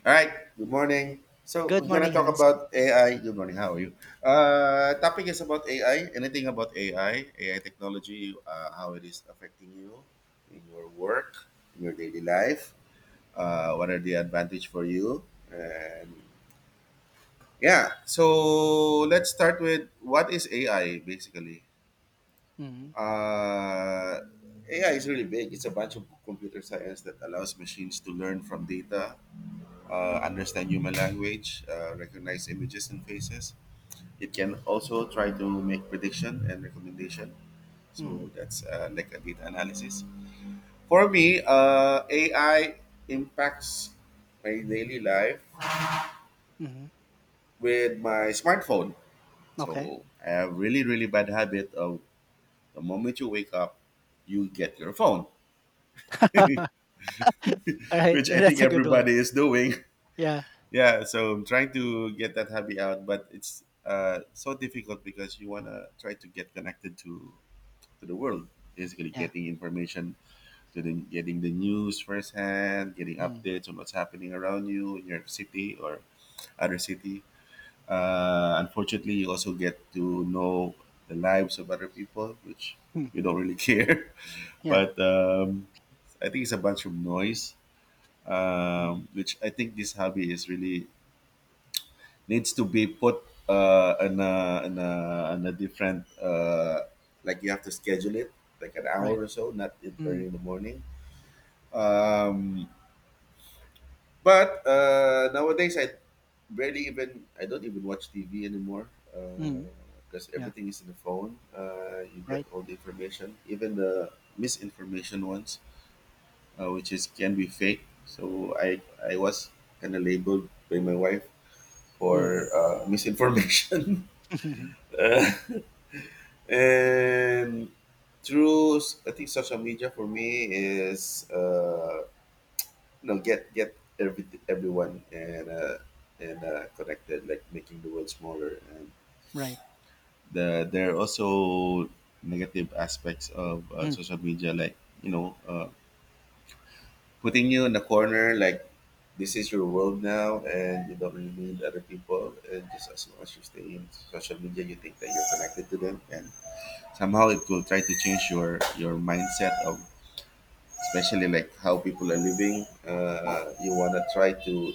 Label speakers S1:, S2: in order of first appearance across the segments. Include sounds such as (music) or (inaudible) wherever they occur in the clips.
S1: All right. Good morning. So
S2: Good
S1: we're gonna
S2: morning,
S1: talk
S2: Hands?
S1: about AI. Good morning. How are you? Topic is about AI. Anything about AI technology, how it is affecting you in your work, in your daily life. What are the advantage for you? And yeah. So let's start with what is AI basically.
S2: Mhm.
S1: Uh, AI is really big. It's a bunch of computer science that allows machines to learn from data, understand human language, recognize images and faces. It can also try to make prediction and recommendation. So
S2: Mm.
S1: that's like a data analysis. For me, AI impacts my daily life
S2: Mhm.
S1: with my smartphone.
S2: Okay.
S1: So I have really, really bad habit of the moment you wake up, you get your phone, (laughs) which
S2: (laughs) Alright, (laughs)
S1: I think
S2: that's a good one.
S1: everybody is doing.
S2: Yeah,
S1: Yeah, so I'm trying to get that hobby out, but it's so difficult because you want to try to get connected to the world, basically
S2: yeah.
S1: getting information, to the getting the news firsthand, getting
S2: Mm.
S1: updates on what's happening around you in your city or other city. Unfortunately, you also get to know the lives of other people which
S2: Mm.
S1: you don't really (laughs) care,
S2: Yeah.
S1: but I think it's a bunch of noise.
S2: Mm.
S1: Which I think this hobby is really needs to be put in, a different, like you have to schedule it, like an hour
S2: Right.
S1: or so, not in early
S2: Mm.
S1: in the morning. Um, but Nowadays, I don't even watch TV anymore
S2: Mm.
S1: because
S2: Yeah.
S1: everything is in the phone. You get
S2: Right.
S1: all the information, even the misinformation ones, which is can be fake. So I was kind of labeled by my wife
S2: Mm.
S1: for misinformation.
S2: (laughs)
S1: (laughs) And I think social media for me is you know get every everyone and connected, like making the world smaller. And
S2: Right.
S1: the, there are also negative aspects of
S2: Mm.
S1: social media, like you know uh, putting you in a corner, like this is your world now, and you don't really need other people. And just as long as you stay in social media, you think that you're connected to them, and somehow it will try to change your mindset of, especially, like how people are living. You want to try to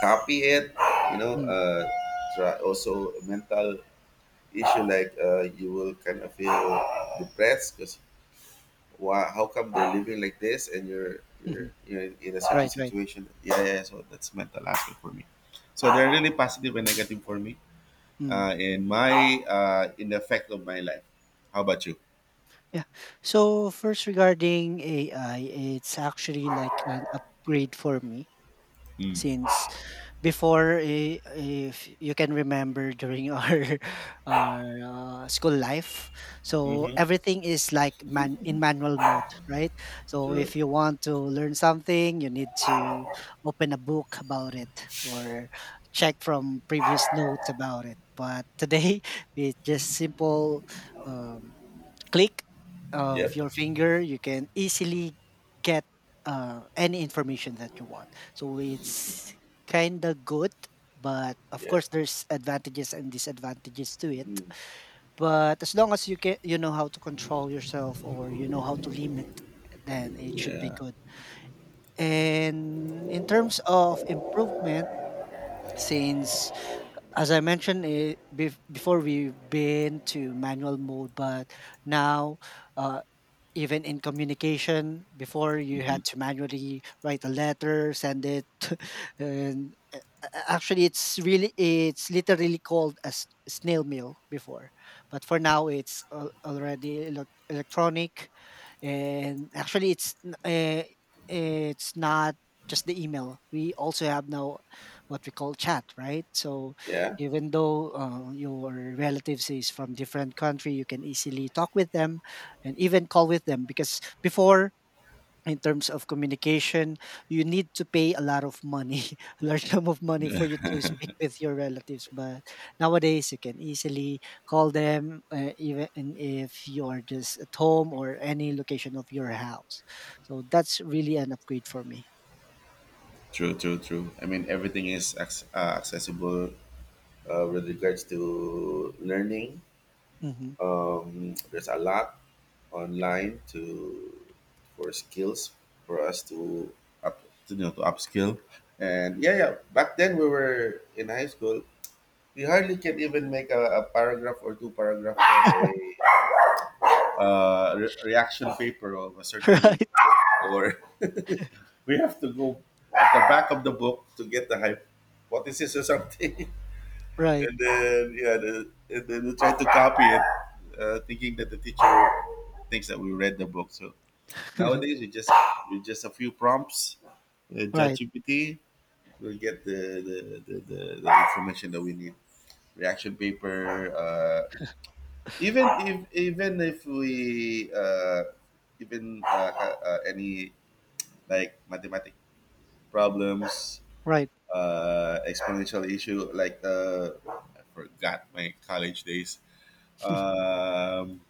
S1: copy it, you know.
S2: Mm.
S1: Uh, try also mental issue, like you will kind of feel depressed because why? How come they're living like this and you're
S2: (laughs)
S1: you're
S2: Mhm.
S1: you're in a certain
S2: Right, right.
S1: situation? Yeah, yeah, yeah, so that's mental aspect for me. So they're really positive and negative for me.
S2: Mm.
S1: In the effect of my life. How about you?
S2: Yeah. So first regarding AI, it's actually like an upgrade for me
S1: Mm.
S2: since if you can remember during our (laughs) our school life, so
S1: Mm-hmm.
S2: everything is like manual mode, right? So
S1: True.
S2: if you want to learn something, you need to open a book about it or check from previous notes about it, but today (laughs) it's just simple, um, click of
S1: Yep.
S2: your finger, you can easily get any information that you want. So it's kind of good, but of
S1: Yeah.
S2: course there's advantages and disadvantages to it.
S1: Mm.
S2: But as long as you can, you know how to control yourself or you know how to limit, then it should be
S1: Yeah.
S2: good. And in terms of improvement, since as I mentioned before, we've been to manual mode, but now, uh, even in communication before, you
S1: Mhm.
S2: had to manually write a letter, send it, (laughs) and actually it's literally called a snail mail before, but for now it's already electronic. And actually it's not just the email, we also have now what we call chat, right? So
S1: Yeah,
S2: even though your relatives is from different country, you can easily talk with them and even call with them, because before, in terms of communication, you need to pay a lot of money, (laughs) a large sum of money for you to speak with your relatives, but nowadays you can easily call them, even if you are just at home or any location of your house. So that's really an upgrade for me.
S1: true, true, true. I mean, everything is accessible with regards to learning.
S2: Hmm.
S1: There's a lot online to, for skills for us to up, to, you know, to upskill. And yeah, yeah. Back then we were in high school. We hardly can even make a paragraph or two paragraph for a reaction paper of a
S2: (laughs)
S1: certain
S2: Right,
S1: or (laughs) we have to go at the back of the book to get the hype. What is hypothesis or something. (laughs)
S2: right.
S1: And then yeah, the, and then they tried to copy it, thinking that the teacher thinks that we read the book. So
S2: (laughs)
S1: nowadays we just a few prompts,
S2: Right,
S1: ChatGPT, we'll get the information that we need. Reaction paper, even if we even ha- any like mathematic problems,
S2: right,
S1: exponential issue, like I forgot my college days. um,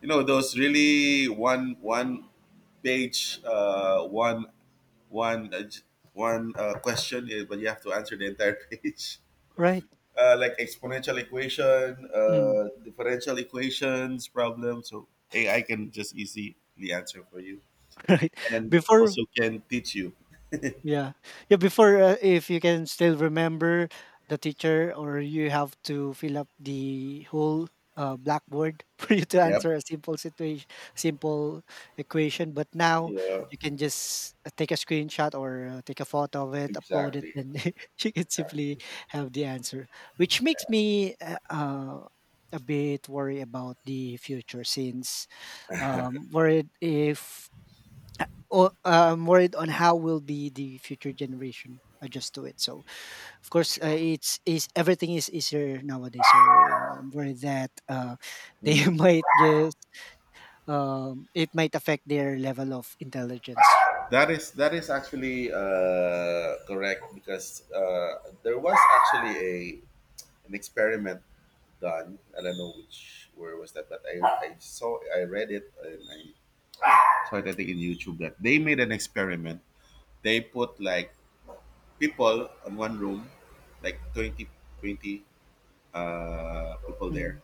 S1: you know those really one page, one one j- one question, but you have to answer the entire (laughs) page,
S2: right.
S1: like exponential equation,
S2: Mm.
S1: differential equations problem. So AI can just easily answer for you
S2: (laughs) Right
S1: and
S2: before.
S1: also can teach you.
S2: Yeah. Yeah, before, if you can still remember, the teacher or you have to fill up the whole blackboard (laughs) for you to
S1: Yep.
S2: answer a simple situation, simple equation, but now
S1: Yeah.
S2: you can just take a screenshot or take a photo of it, upload it,
S1: Exactly.
S2: and (laughs) you can simply
S1: Exactly.
S2: have the answer, which makes me a bit worried about the future, since worried if, am worried on how will be the future generation adjust to it. So of course, it's is everything is easier nowadays. So I'm worried that (laughs) they
S1: Hmm.
S2: might just, it might affect their level of intelligence.
S1: That is actually correct because there was actually an experiment done. I don't know which where was that, but I saw I read it and I saw it, I think in YouTube, that they made an experiment. They put like people on one room, like 20 people there
S2: Mm.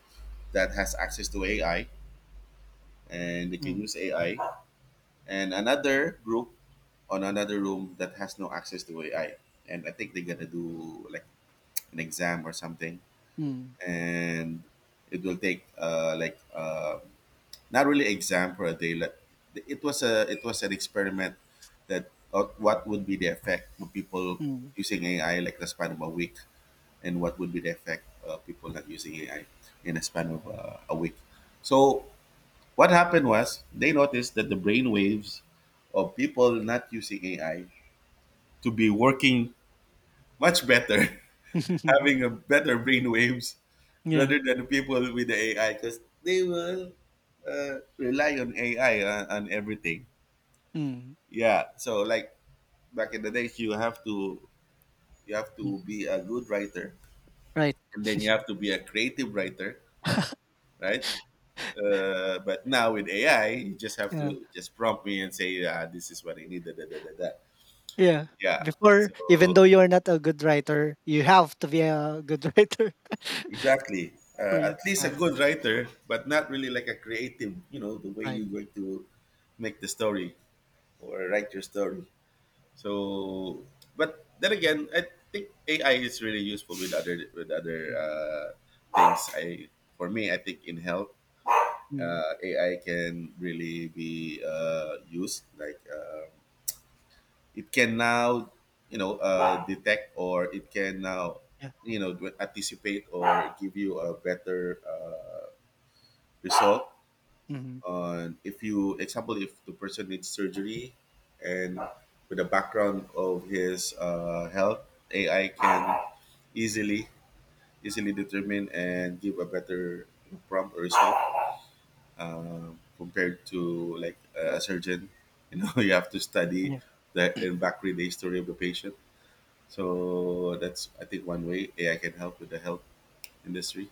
S1: that has access to AI, and they can
S2: Mm.
S1: use AI, and another group on another room that has no access to AI. And I think they're gonna do like an exam or something,
S2: Mm.
S1: and it will take not really exam for a day. Like, it was a it was an experiment that of what would be the effect of people
S2: Mm.
S1: using AI like the span of a week, and what would be the effect of people not using AI in a span of a week. So what happened was they noticed that the brain waves of people not using AI to be working much better, (laughs)
S2: (laughs)
S1: having a better brain waves
S2: Yeah.
S1: rather than people with the AI because they will rely on AI on everything.
S2: Mm.
S1: Yeah. So like back in the days, you have
S2: Yeah.
S1: to be a good writer,
S2: Right.
S1: and then you have to be a creative writer, right? But now with AI, you just have
S2: Yeah.
S1: to just prompt me and say, ah, this is what I need. Da, da, da, da, da.
S2: Yeah.
S1: Yeah.
S2: Before, even
S1: So
S2: though you are not a good writer, you have to be a good (laughs) writer (laughs)
S1: exactly.
S2: for you
S1: At
S2: to
S1: least a
S2: pass.
S1: good writer, but not really like a creative. You know the way
S2: Right.
S1: you're going to make the story or write your story. So, but then again, I think AI is really useful with other
S2: Mm.
S1: things. I For me, I think in health,
S2: Mm.
S1: AI can really be used. Like, um, it can now, you know, detect, or it can now,
S2: Yeah.
S1: you know, anticipate, or give you a better result,
S2: Mhm.
S1: if you, example, if the person needs surgery, and with the background of his health, AI can easily easily determine and give a better prompt or result, compared to like a surgeon, you know. (laughs) You have to study
S2: Yeah,
S1: that and back read the history of the patient. So that's, I think, one way AI can help with the health industry,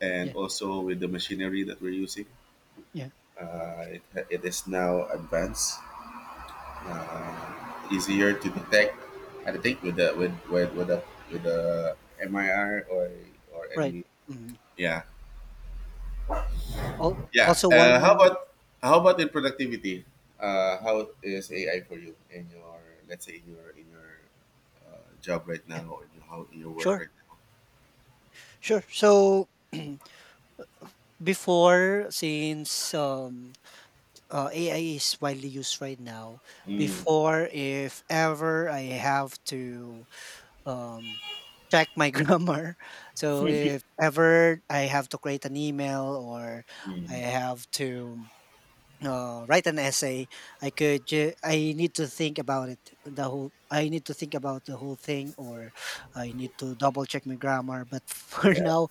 S1: and
S2: yeah,
S1: also with the machinery that we're using.
S2: yeah.
S1: uh, it, it is now advanced, easier to detect. I think with the MIR or
S2: Right.
S1: any.
S2: Mm.
S1: Yeah.
S2: Al
S1: Yeah.
S2: Also one.
S1: How about in productivity? How is AI for you in your, let's say in your job right
S2: Yeah,
S1: now, or in your, how in your work
S2: sure,
S1: right now?
S2: sure. So (clears throat) before, since AI is widely used right now,
S1: Mm,
S2: before, if ever I have to, um, check my (laughs) grammar, so if ever I have to create an email or I
S1: mm,
S2: have to write an essay, I need to think about it the whole I need to think about the whole thing, or I need to double check my grammar, but (laughs) for
S1: yeah,
S2: now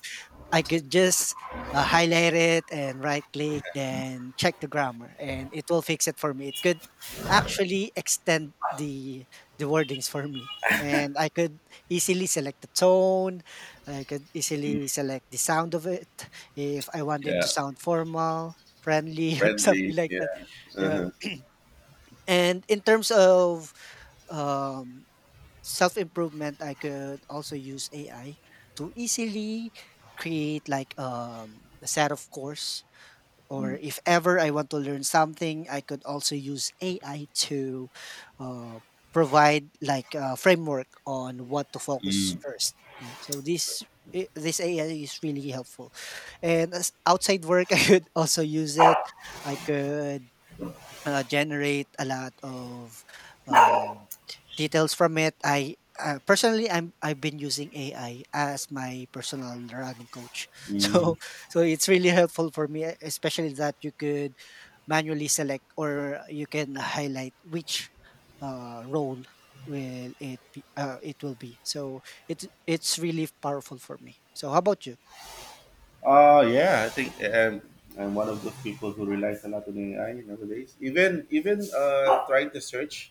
S2: I could just highlight it and right click, then check the grammar, and it will fix it for me. It could actually extend the wordings for me, and I could easily select the tone. I could
S1: mm,
S2: easily select the sound of it if I wanted to
S1: yeah,
S2: sound formal, friendly, (laughs) or something
S1: friendly.
S2: like that.
S1: Yeah.
S2: Yeah.
S1: Uh-huh.
S2: And in terms of um, self improvement, I could also use AI to easily create like a set of course. Or
S1: Mm,
S2: if ever I want to learn something, I could also use AI to uh, provide like a framework on what to focus
S1: mm,
S2: first. Yeah. So this AI is really helpful, and as outside work, (laughs) I could also use it. I could generate a lot of um, details from it. I personally, I'm I've been using AI as my personal running coach, (laughs)
S1: mhm.
S2: so so it's really helpful for me, especially that you could manually select or you can highlight which role it will be. So it's really powerful for me. So how about you?
S1: Yeah, I think, I'm one of those people who relies a lot on AI nowadays. Even trying to search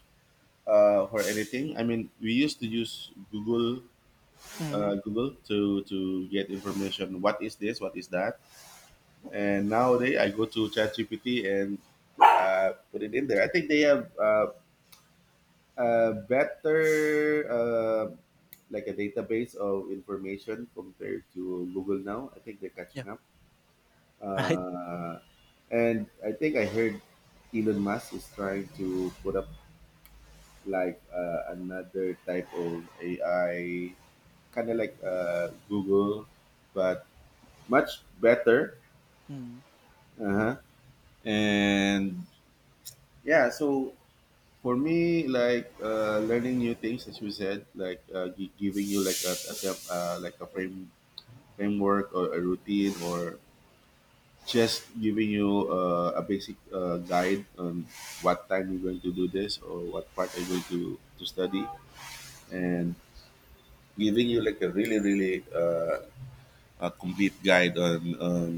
S1: for anything. I mean, we used to use
S2: Hmm.
S1: Google to get information. What is this? What is that? And nowadays, I go to ChatGPT and put it in there. I
S2: (laughs)
S1: think they have a better uh, like a database of information compared to Google now. I think they're
S2: Yeah.
S1: catching up.
S2: Right.
S1: Uh, and I think I heard Elon Musk is trying to put up like another type of AI, kind of like Google, but much better.
S2: Mm.
S1: Uh-huh. And yeah, so for me, like learning new things, as you said, like giving you like a, like a framework or a routine, or just giving you a basic guide on what time you're going to do this or what part you're going to study,
S2: Mm.
S1: and giving you like a really a complete guide on, on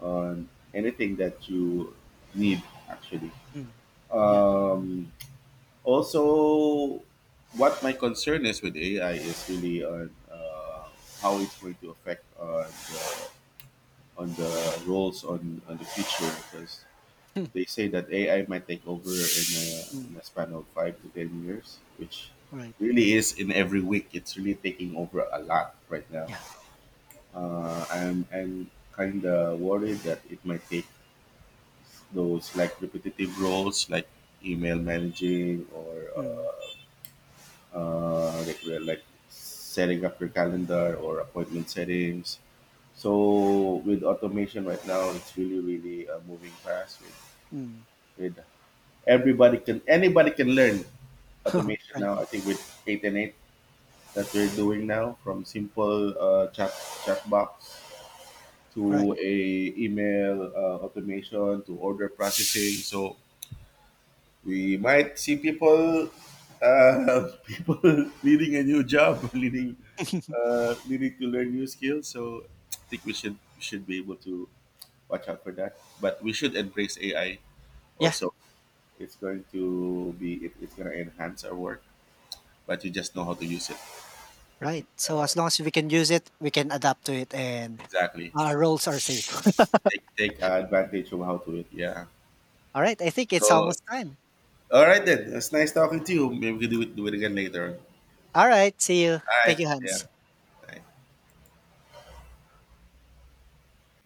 S1: on anything that you need, actually.
S2: Mm. Yeah.
S1: um, Also, what my concern is with AI is really on how it's going to affect the, on the roles on the future, because
S2: (laughs) Mm.
S1: they say that AI might take over
S2: Mm.
S1: in a span of 5 to 10 years, which
S2: Right.
S1: really is in every week. It's really taking over a lot right now.
S2: Yeah.
S1: Uh, I'm kind of worried that it might take those like repetitive roles, like email managing, or
S2: Mm.
S1: like we're like setting up your calendar or appointment settings. So with automation right now, it's really moving fast
S2: Mm.
S1: with everybody can anybody can learn
S2: (laughs)
S1: automation
S2: Right.
S1: now. I think with eight and eight that we're doing now, from simple chat box
S2: Correct.
S1: to a email automation to order processing. So we might see people (laughs) people leading a new job, (laughs) leading
S2: (laughs)
S1: needing to learn new skills. So I think we should be able to watch out for that. But we should embrace AI
S2: Yeah.
S1: also. It's going to be it's going to enhance our work, but you just know how to use it. I
S2: Right.
S1: think.
S2: So as long as we can use it, we can adapt to it, and
S1: Exactly.
S2: our roles are safe. (laughs)
S1: Take advantage of how to it. Yeah.
S2: All right. I think it's
S1: So,
S2: almost time.
S1: all right, then. It's nice talking to you. Maybe we can do it again later.
S2: All right, see you.
S1: All
S2: Thank
S1: right.
S2: you,
S1: Yeah.
S2: Hans.
S1: Bye.